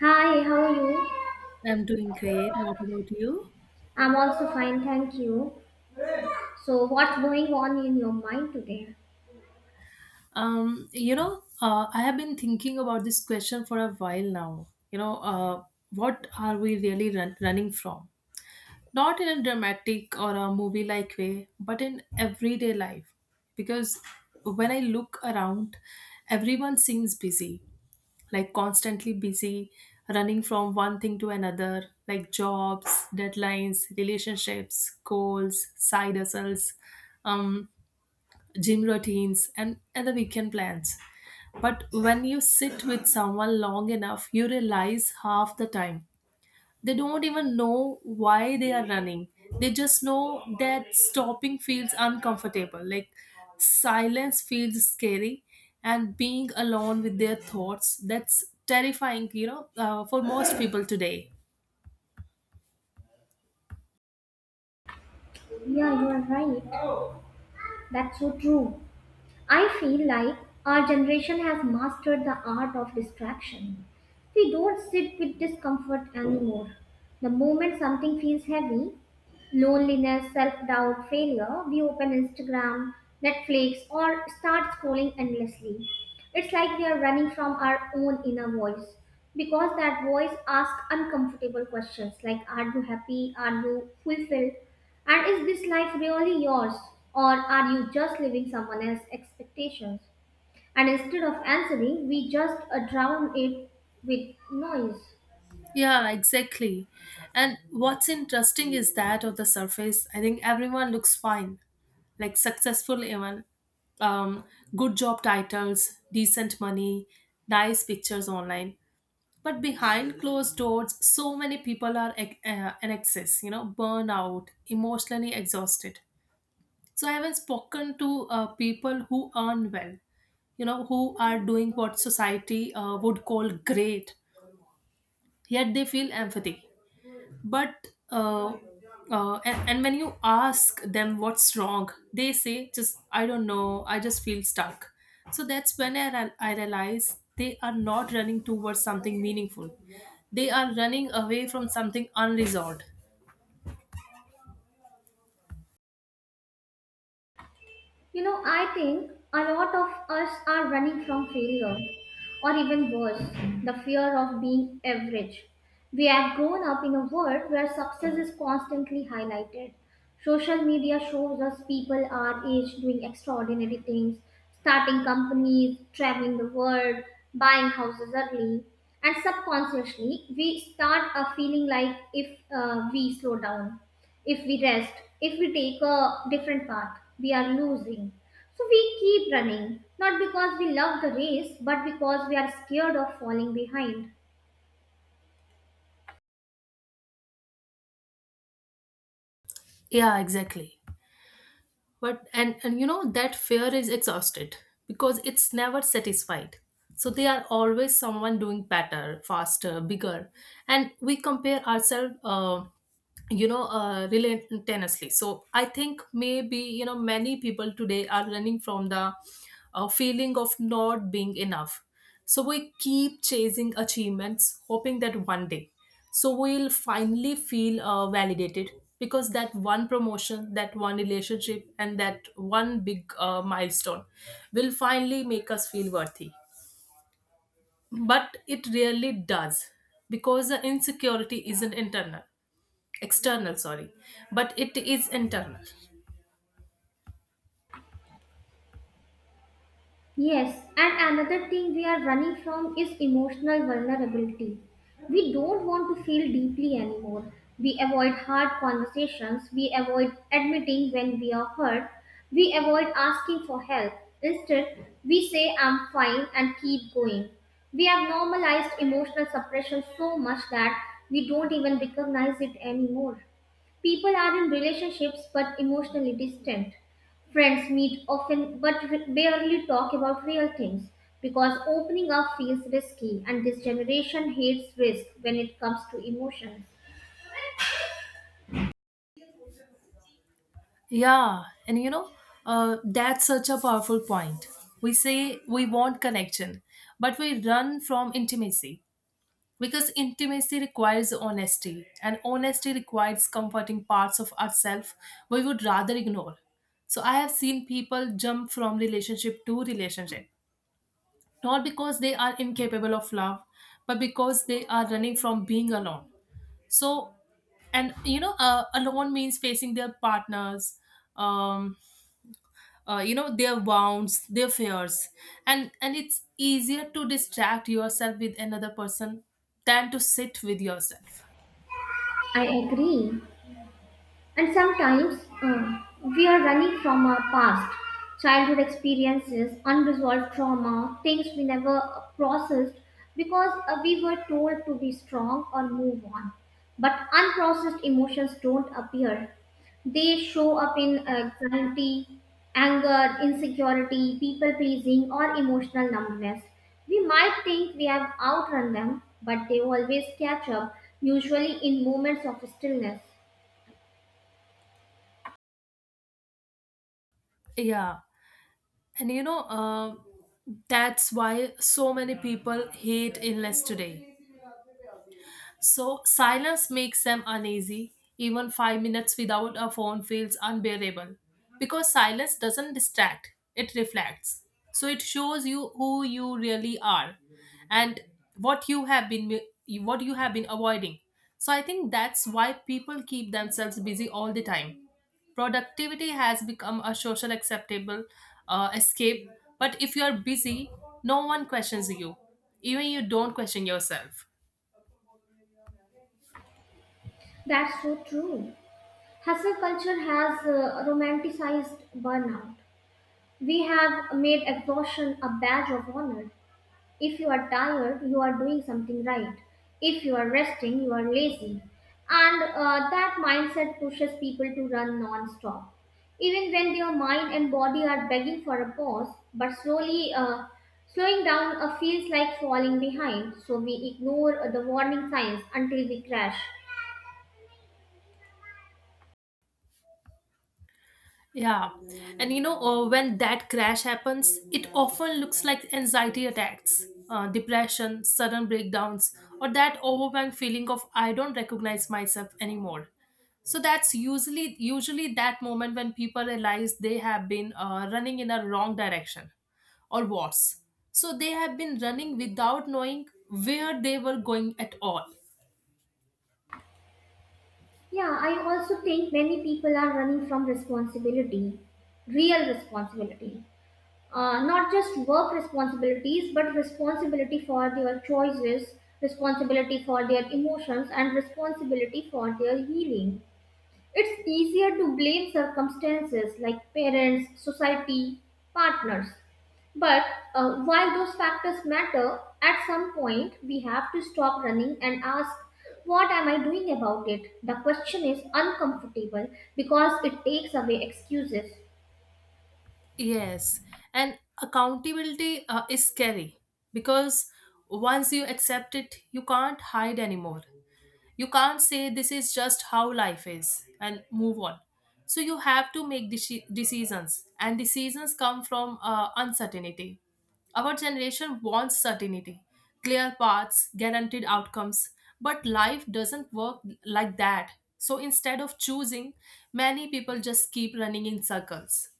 Hi, how are you? I'm doing great. What about you? I'm also fine, thank you. So, what's going on in your mind today? I have been thinking about this question for a while now. What are we really running from? Not in a dramatic or a movie like way, but in everyday life. Because when I look around, everyone seems busy, like constantly busy, running from one thing to another, like jobs, deadlines, relationships, goals, side hustles. Um, Gym routines, and the weekend plans. But when you sit with someone long enough, you realize half the time they don't even know why they are running. They just know that stopping feels uncomfortable, like silence feels scary, and being alone with their thoughts that's terrifying, for most people today. Yeah, you are right. That's so true. I feel like our generation has mastered the art of distraction. We don't sit with discomfort anymore. The moment something feels heavy, loneliness, self doubt, failure, we open Instagram, Netflix, or start scrolling endlessly. It's like we are running from our own inner voice because that voice asks uncomfortable questions like, are you happy? Are you fulfilled? And is this life really yours? Or are you just living someone else's expectations? And instead of answering, we just drown it with noise. Yeah, exactly. And what's interesting is that on the surface, I think everyone looks fine, like successful even, um, good job titles, decent money, nice pictures online. But behind closed doors, so many people are in excess, you know, burnout, emotionally exhausted. So I haven't spoken to people who earn well, you know, who are doing what society would call great, yet they feel empathy but and when you ask them what's wrong, they say, just, I don't know, I just feel stuck. So that's when I realize they are not running towards something meaningful, they are running away from something unresolved. You know, I think a lot of us are running from failure, or even worse, the fear of being average. We have grown up in a world where success is constantly highlighted. Social media shows us people our age doing extraordinary things, starting companies, traveling the world, buying houses early. And subconsciously, we start a feeling like if we slow down, if we rest, if we take a different path, we are losing. So we keep running, not because we love the race, but because we are scared of falling behind. Yeah, exactly. But and you know that fear is exhausted because it's never satisfied, so they are always someone doing better, faster, bigger, and we compare ourselves. Relentlessly. So I think maybe, you know, many people today are running from the feeling of not being enough. So we keep chasing achievements, hoping that one day, we'll finally feel validated, because that one promotion, that one relationship, and that one big milestone will finally make us feel worthy. But it really does, because the insecurity isn't internal. External, sorry. But it is internal. Yes, and another thing we are running from is emotional vulnerability. We don't want to feel deeply anymore. We avoid hard conversations. We avoid admitting when we are hurt. We avoid asking for help. Instead, we say, I'm fine, and keep going. We have normalized emotional suppression so much that we don't even recognize it anymore. People are in relationships but emotionally distant. Friends meet often but barely talk about real things because opening up feels risky, and this generation hates risk when it comes to emotions. Yeah, and you know, that's such a powerful point. We say we want connection, but we run from intimacy, because intimacy requires honesty, and honesty requires comforting parts of ourselves we would rather ignore. So I have seen people jump from relationship to relationship, not because they are incapable of love, but because they are running from being alone. So and you know alone means facing their partners, um their wounds, their fears. And it's easier to distract yourself with another person than to sit with yourself. I agree. And sometimes we are running from our past, childhood experiences, unresolved trauma, things we never processed because we were told to be strong or move on. But unprocessed emotions don't appear. They show up in anxiety, anger, insecurity, people pleasing, or emotional numbness. We might think we have outrun them, but they always catch up, usually in moments of stillness. Yeah, and you know that's why so many people hate illness today. So silence makes them uneasy. Even 5 minutes without a phone feels unbearable, because silence doesn't distract, it reflects. So it shows you who you really are, and what you have been what you have been avoiding. So I think that's why people keep themselves busy all the time. Productivity has become a social acceptable escape. But if you are busy, no one questions you, even you don't question yourself. That's so true. Hustle culture has romanticized burnout. We have made exhaustion a badge of honor. If you are tired, you are doing something right. If you are resting, you are lazy. And that mindset pushes people to run non stop. Even when their mind and body are begging for a pause, but slowly slowing down feels like falling behind. So we ignore the warning signs until we crash. Yeah. When that crash happens, it often looks like anxiety attacks, depression, sudden breakdowns, or that overwhelming feeling of, I don't recognize myself anymore. So that's usually that moment when people realize they have been running in a wrong direction, or worse. So they have been running without knowing where they were going at all. Yeah, I also think many people are running from responsibility, real responsibility. Not just work responsibilities, but responsibility for their choices, responsibility for their emotions, and responsibility for their healing. It's easier to blame circumstances like parents, society, partners. But while those factors matter, at some point we have to stop running and ask, what am I doing about it? The question is uncomfortable because it takes away excuses. Yes, and accountability is scary, because once you accept it, you can't hide anymore. You can't say this is just how life is and move on. So you have to make decisions, and decisions come from uncertainty. Our generation wants certainty, clear paths, guaranteed outcomes, but life doesn't work like that. So instead of choosing, many people just keep running in circles.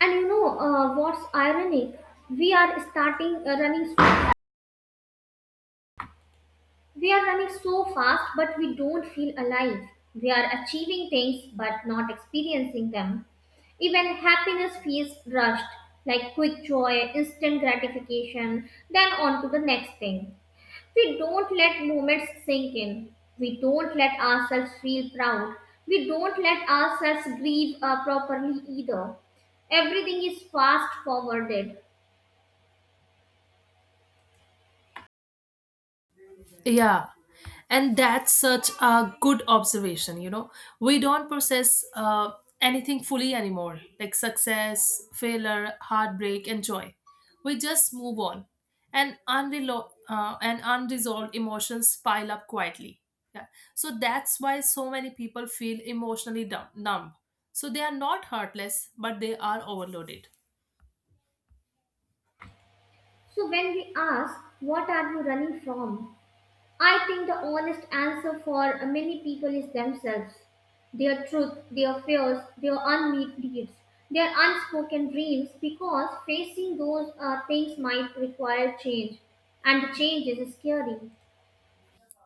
And you know what's ironic? We are starting uh, running We are running so fast, but we don't feel alive. We are achieving things, but not experiencing them. Even happiness feels rushed, like quick joy, instant gratification, then on to the next thing. We don't let moments sink in. We don't let ourselves feel proud. We don't let ourselves grieve properly either. Everything is fast forwarded. Yeah. And that's such a good observation, you know. We don't process anything fully anymore, like success, failure, heartbreak, and joy. We just move on. And unresolved emotions pile up quietly. Yeah. So that's why so many people feel emotionally numb. So they are not heartless, but they are overloaded. So when we ask, what are you running from? I think the honest answer for many people is themselves, their truth, their fears, their unmet needs, their unspoken dreams, because facing those things might require change, and change is scary.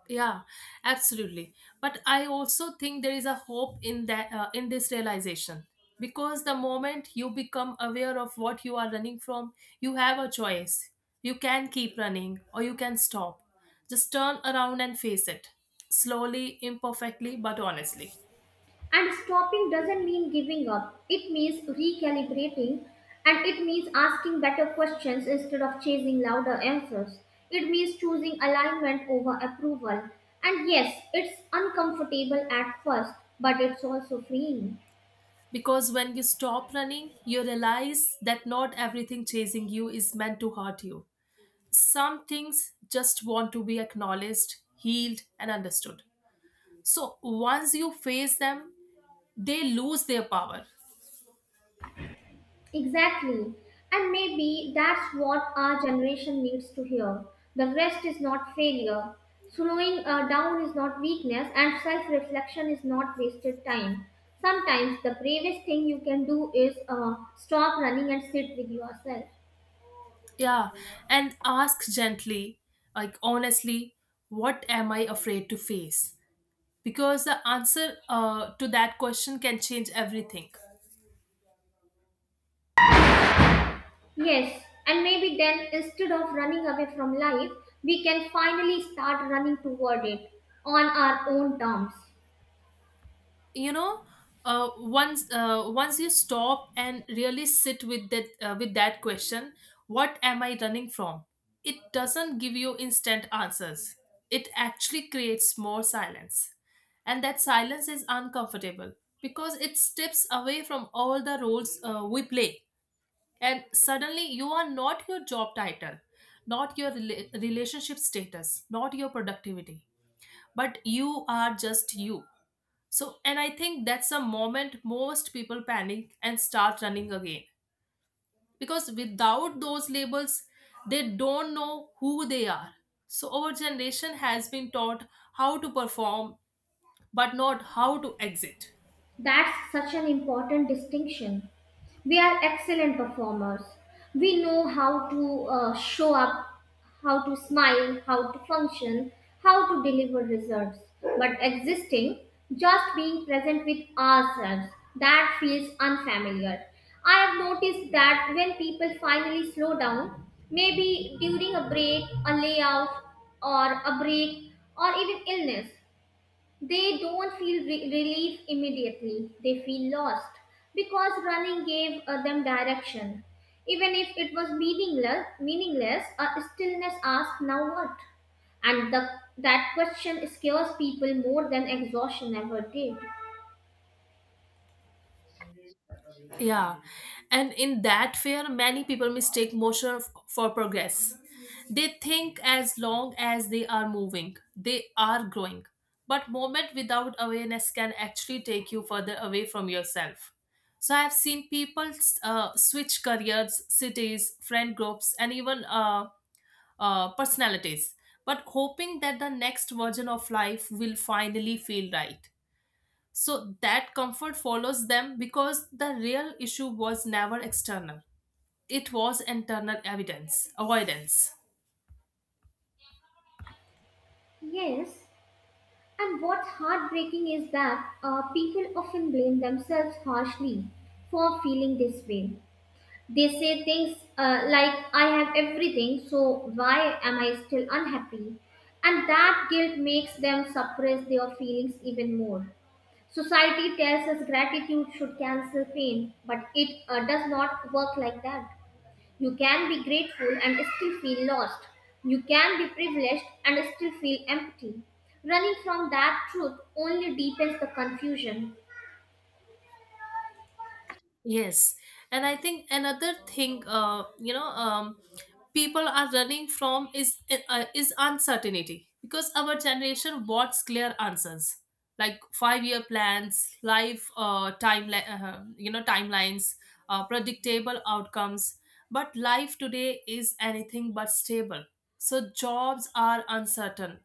Yeah, absolutely. But I also think there is a hope in that, in this realization, because the moment you become aware of what you are running from, you have a choice. You can keep running, or you can stop, just turn around and face it, slowly, imperfectly, but honestly. And stopping doesn't mean giving up, it means recalibrating, and it means asking better questions instead of chasing louder answers. It means choosing alignment over approval. And yes, it's uncomfortable at first, but it's also freeing. Because when you stop running, you realize that not everything chasing you is meant to hurt you. Some things just want to be acknowledged, healed, and understood. So once you face them, they lose their power. Exactly. And maybe that's what our generation needs to hear. The rest is not failure. Slowing down is not weakness, and self reflection is not wasted time. Sometimes the bravest thing you can do is stop running and sit with yourself. Yeah, and ask gently, like honestly, what am I afraid to face? Because the answer to that question can change everything. Yes, and maybe then, instead of running away from life, we can finally start running toward it on our own terms. You know, once you stop and really sit with that, with that question, what am I running from, it doesn't give you instant answers, it actually creates more silence, and that silence is uncomfortable, because it steps away from all the roles we play. And suddenly you are not your job title, not your relationship status, not your productivity, but you are just you. So, and I think that's a moment most people panic and start running again. Because without those labels, they don't know who they are. So our generation has been taught how to perform, but not how to exit. That's such an important distinction. We are excellent performers. We know how to show up, how to smile, how to function, how to deliver results. But existing, just being present with ourselves, that feels unfamiliar. I have noticed that when people finally slow down, maybe during a break, a layoff, or a break, or even illness, they don't feel relief immediately. They feel lost because running gave them direction. Even if it was meaningless, a stillness asks, "Now what?" And that question scares people more than exhaustion ever did. Yeah, and in that fear, many people mistake motion for progress. They think as long as they are moving, they are growing. But moment without awareness can actually take you further away from yourself. So I've seen people switch careers, cities, friend groups, and even personalities, but hoping that the next version of life will finally feel right. So that comfort follows them, because the real issue was never external. It was internal evidence, avoidance. Yes, and what's heartbreaking is that people often blame themselves harshly for feeling this way. They say things like, I have everything, so why am I still unhappy? And that guilt makes them suppress their feelings even more. Society tells us gratitude should cancel pain, but it does not work like that. You can be grateful and still feel lost. You can be privileged and still feel empty. Running from that truth only deepens the confusion. Yes, and I think another thing, people are running from is uncertainty, because our generation wants clear answers, like 5 year plans, life timeline, timelines, predictable outcomes. But life today is anything but stable. So jobs are uncertain,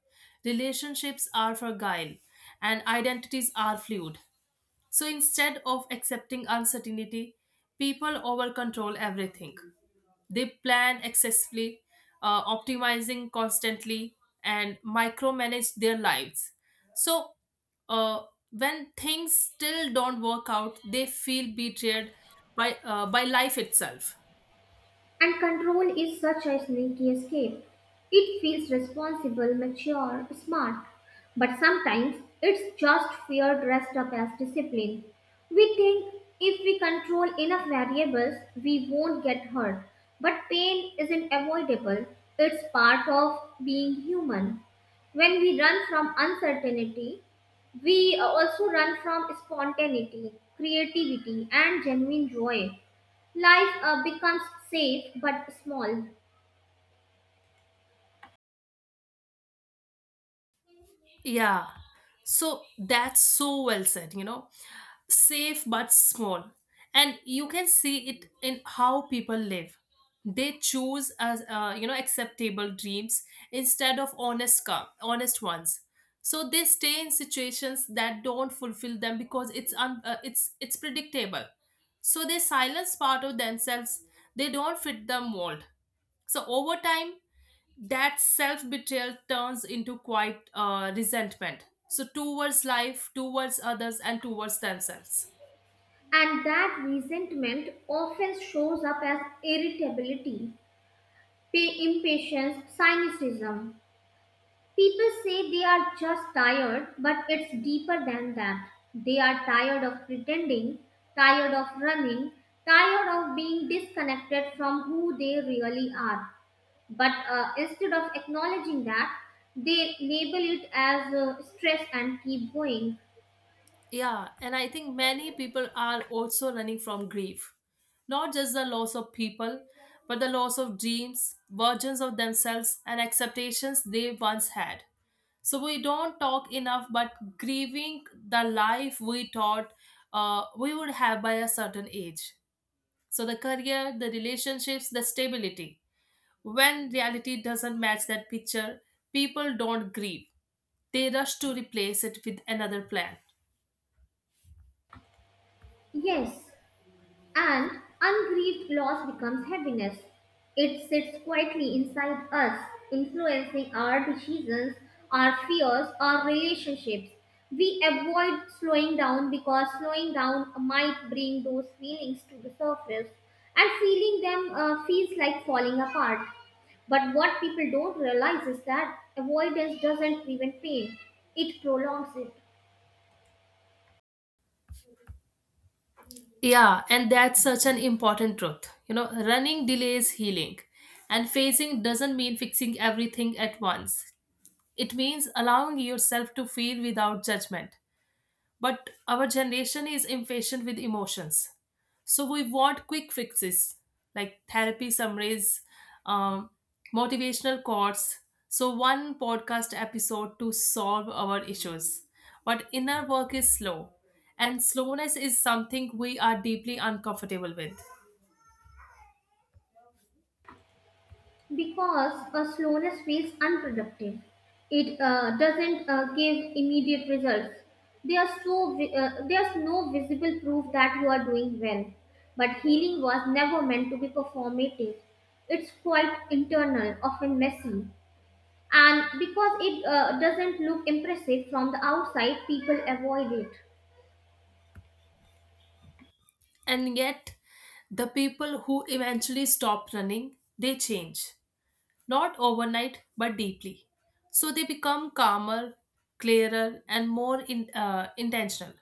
relationships are fragile, and identities are fluid. So instead of accepting uncertainty, people over control everything. They plan excessively, optimizing constantly, and micromanage their lives. So uh, when things still don't work out, they feel betrayed by life itself. And control is such a sneaky escape. It feels responsible, mature, smart. But sometimes it's just fear dressed up as discipline. We think if we control enough variables, we won't get hurt. But pain isn't avoidable, it's part of being human. When we run from uncertainty, we also run from spontaneity, creativity, and genuine joy. Life becomes safe but small, Yeah. So that's so well said, you know. Safe but small. And you can see it in how people live. They choose as, you know, acceptable dreams instead of honest ones. So they stay in situations that don't fulfill them because it's it's predictable. So they silence part of themselves. They don't fit the mold. So over time, that self betrayal turns into quite resentment. So towards life, towards others, and towards themselves. and that resentment often shows up as irritability, impatience, cynicism. People say they are just tired, but it's deeper than that. They are tired of pretending, tired of running, tired of being disconnected from who they really are. But instead of acknowledging that, they label it as stress and keep going. Yeah, and I think many people are also running from grief. Not just the loss of people, but the loss of dreams, versions of themselves, and expectations they once had. So we don't talk enough, but grieving the life we thought we would have by a certain age. So the career, the relationships, the stability. When reality doesn't match that picture, people don't grieve. They rush to replace it with another plan. Yes, and ungrieved loss becomes heaviness. It sits quietly inside us, influencing our decisions, our fears, our relationships. We avoid slowing down because slowing down might bring those feelings to the surface, and feeling them feels like falling apart. But what people don't realize is that avoidance doesn't prevent pain, it prolongs it. Yeah, and that's such an important truth. You know, running delays healing, and phasing doesn't mean fixing everything at once. It means allowing yourself to feel without judgment. But our generation is impatient with emotions. So we want quick fixes, like therapy summaries, um, motivational quotes, so one podcast episode to solve our issues. But inner work is slow, and slowness is something we are deeply uncomfortable with. Because a slowness feels unproductive. It doesn't give immediate results. There's no visible proof that you are doing well. But healing was never meant to be performative. It's quite internal, often messy. And because it doesn't look impressive from the outside, people avoid it. And yet, the people who eventually stop running, they change. Not overnight, but deeply. So they become calmer, clearer, and more intentional.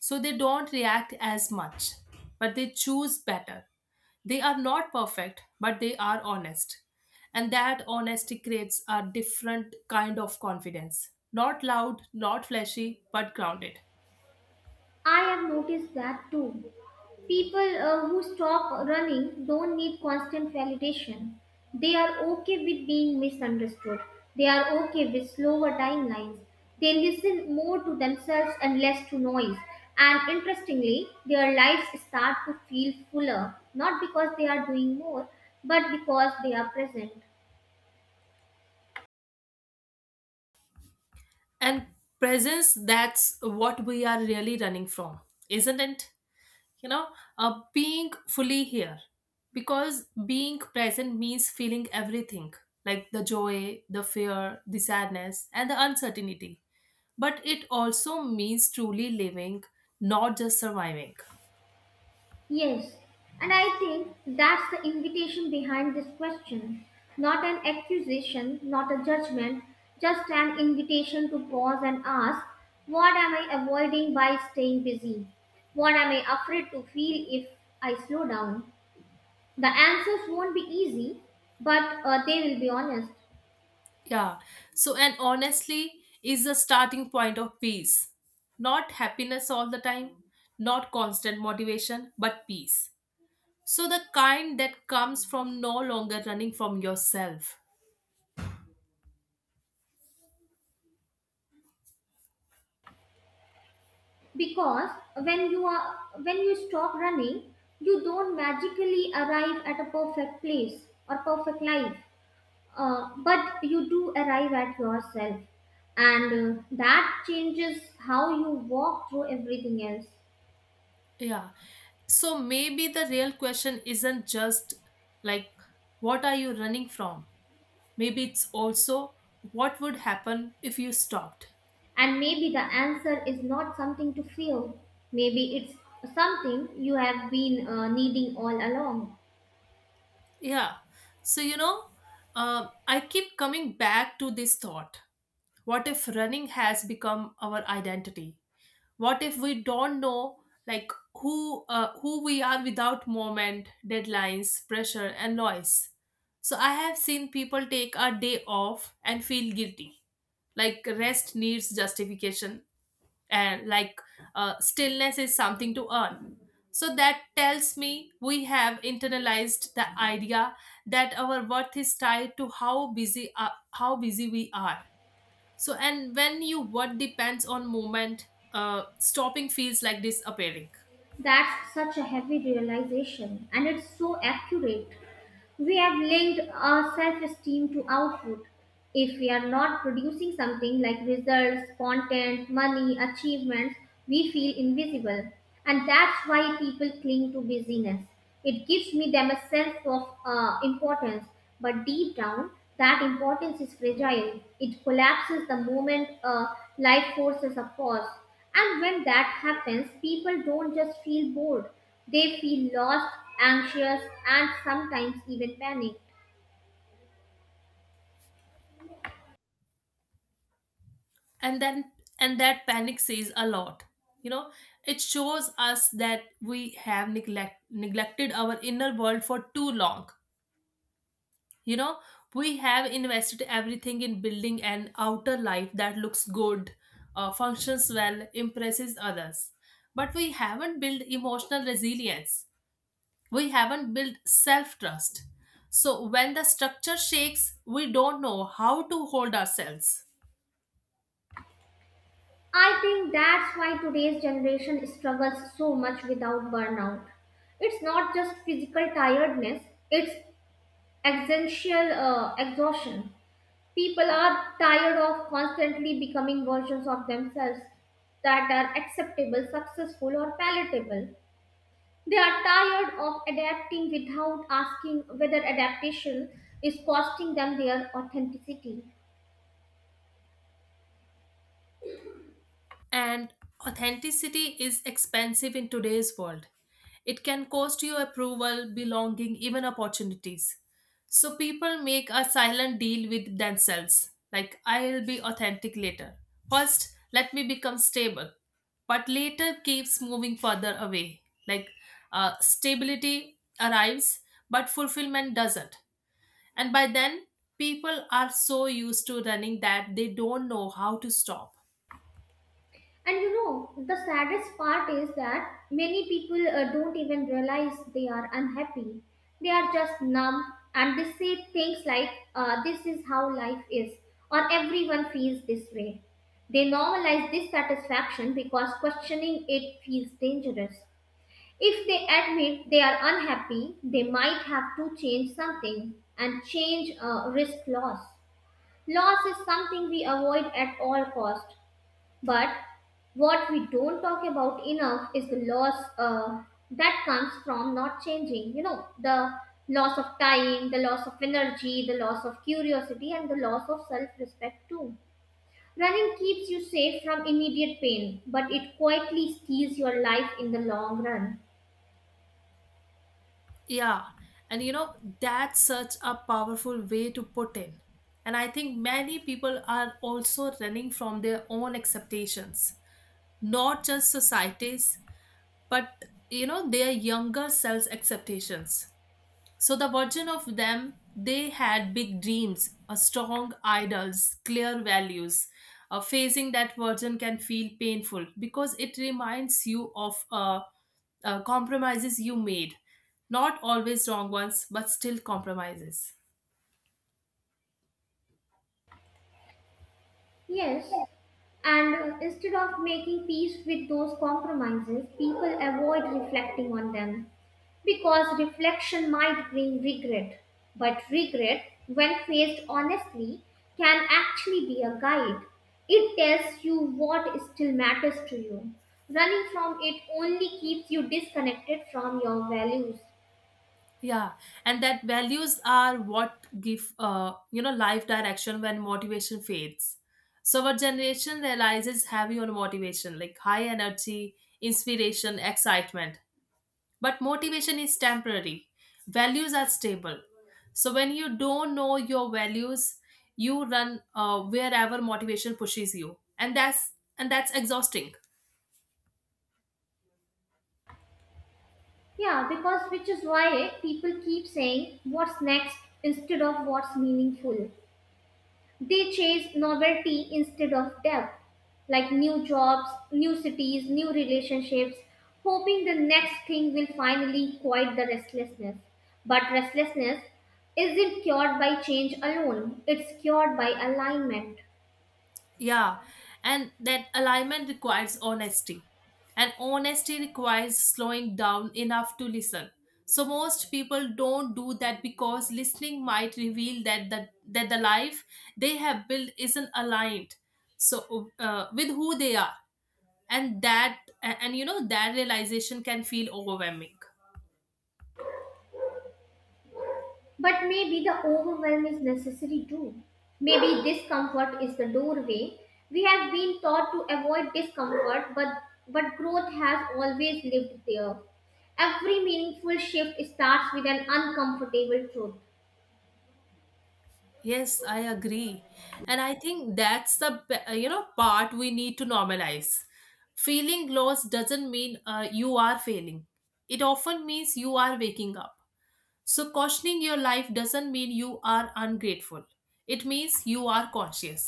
So they don't react as much, but they choose better. They are not perfect, but they are honest. And that honesty creates a different kind of confidence. Not loud, not flashy, but grounded. I have noticed that too. People who stop running don't need constant validation. They are okay with being misunderstood. They are okay with slower timelines. They listen more to themselves and less to noise. And interestingly, their lives start to feel fuller, not because they are doing more, but because they are present. And presence, that's what we are really running from, isn't it? you know Being fully here, because being present means feeling everything, like the joy, the fear, the sadness, and the uncertainty, but it also means truly living, not just surviving. Yes, and I think that's the invitation behind this question. Not an accusation, not a judgment, just an invitation to pause and ask, what am I avoiding by staying busy? What am I afraid to feel if I slow down? The answers won't be easy, but they will be honest. Yeah. So, and honestly is the starting point of peace. Not happiness all the time, not constant motivation, but peace. So the kind that comes from no longer running from yourself. Because when you stop running, you don't magically arrive at a perfect place or perfect life. But you do arrive at yourself, and that changes how you walk through everything else. Yeah. So maybe the real question isn't just, like, what are you running from? Maybe it's also, what would happen if you stopped? And maybe the answer is not something to feel, maybe it's something you have been needing all along. Yeah. So, you know, I keep coming back to this thought. What if running has become our identity? What if we don't know, like, who we are without moment deadlines, pressure, and noise? So I have seen people take a day off and feel guilty, like rest needs justification and, like, stillness is something to earn. So that tells me we have internalized the idea that our worth is tied to how busy how busy we are. So, and when you what depends on movement, stopping feels like disappearing. That's such a heavy realization, and it's so accurate. We have linked our self esteem to output. If we are not producing something like results, content, money, achievements, we feel invisible. And that's why people cling to busyness. It gives me them a sense of importance, but deep down, that importance is fragile. It collapses the moment life forces a pause. And when that happens, people don't just feel bored, they feel lost, anxious, and sometimes even panicked. And then and that panic says a lot. You know, it shows us that we have neglected our inner world for too long. You know, we have invested everything in building an outer life that looks good, functions well, impresses others, but we haven't built emotional resilience, we haven't built self trust. So when the structure shakes, we don't know how to hold ourselves. I think that's why today's generation struggles so much without burnout. It's not just physical tiredness, it's existential exhaustion. People are tired of constantly becoming versions of themselves that are acceptable, successful, or palatable. They are tired of adapting without asking whether adaptation is costing them their authenticity. And authenticity is expensive in today's world. It can cost you approval, belonging, even opportunities. So people make a silent deal with themselves like, I'll be authentic later. First, let me become stable, but later keeps moving further away. Like, stability arrives, but fulfillment doesn't. And by then, people are so used to running that they don't know how to stop. And you know, the saddest part is that many people don't even realize they are unhappy. They are just numb, and they say things like, this is how life is, or everyone feels this way. They normalize dissatisfaction because questioning it feels dangerous. If they admit they are unhappy, they might have to change something, and change risk loss. Loss is something we avoid at all cost, but what we don't talk about enough is the loss that comes from not changing. You know, the loss of time, the loss of energy, the loss of curiosity, and the loss of self respect too. Running keeps you safe from immediate pain, but it quietly steals your life in the long run. Yeah, and you know, that's such a powerful way to put in. And I think many people are also running from their own expectations, not just society's, but, you know, their younger selves' expectations. So the version of them, they had big dreams, a strong idols, clear values. Facing that version can feel painful because it reminds you of compromises you made. Not always wrong ones, but still compromises. Yes, and instead of making peace with those compromises, people avoid reflecting on them because reflection might bring regret. But regret, when faced honestly, can actually be a guide. It tells you what still matters to you. Running from it only keeps you disconnected from your values. Yeah, and that values are what give you know life direction when motivation fades. So our generation realizes heavy on motivation, like high energy, inspiration, excitement. But motivation is temporary, values are stable. So when you don't know your values, you run wherever motivation pushes you, and that's exhausting. Yeah, because which is why people keep saying what's next instead of what's meaningful. They chase novelty instead of depth, like new jobs, new cities, new relationships, hoping the next thing will finally quiet the restlessness. But restlessness isn't cured by change alone, it's cured by alignment. Yeah, and that alignment requires honesty, and honesty requires slowing down enough to listen. So most people don't do that because listening might reveal that the life they have built isn't aligned, so with who they are, and and you know that realization can feel overwhelming. But maybe the overwhelm is necessary too. Maybe discomfort is the doorway. We have been taught to avoid discomfort, but growth has always lived there. Every meaningful shift starts with an uncomfortable truth. Yes, I agree. And I think that's the you know part we need to normalize. Feeling lost doesn't mean you are failing, it often means you are waking up. So questioning your life doesn't mean you are ungrateful, it means you are conscious.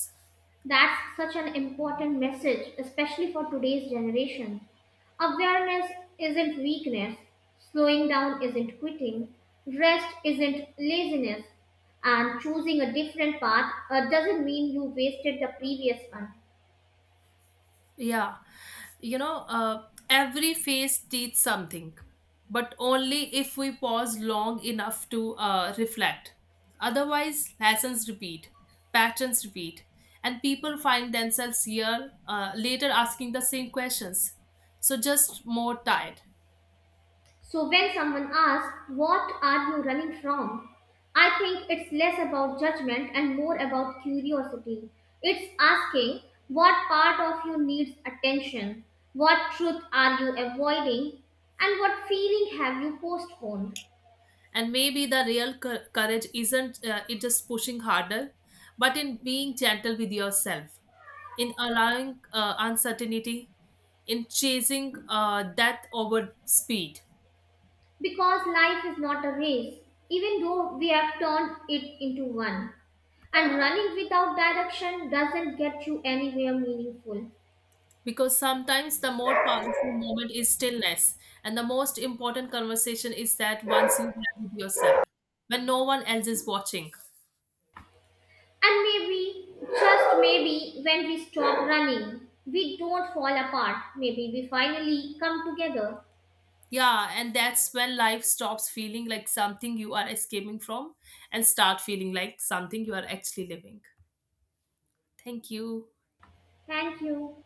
That's such an important message, especially for today's generation. Awareness isn't weakness, slowing down isn't quitting, rest isn't laziness, and choosing a different path doesn't mean you wasted the previous one. Yeah, you know, every phase teaches something, but only if we pause long enough to reflect. Otherwise, lessons repeat, patterns repeat, and people find themselves here later asking the same questions. So just more tired. So when someone asks, what are you running from? I think it's less about judgment and more about curiosity. It's asking, what part of you needs attention? What truth are you avoiding? And what feeling have you postponed? And maybe the real courage isn't it just pushing harder, but in being gentle with yourself, in allowing uncertainty, in chasing death over speed. Because life is not a race, even though we have turned it into one. And running without direction doesn't get you anywhere meaningful. Because sometimes the more powerful moment is stillness, and the most important conversation is that once you have with yourself, when no one else is watching. And maybe, just maybe, when we stop running, we don't fall apart. Maybe we finally come together. Yeah, and that's when life stops feeling like something you are escaping from and start feeling like something you are actually living. Thank you. Thank you.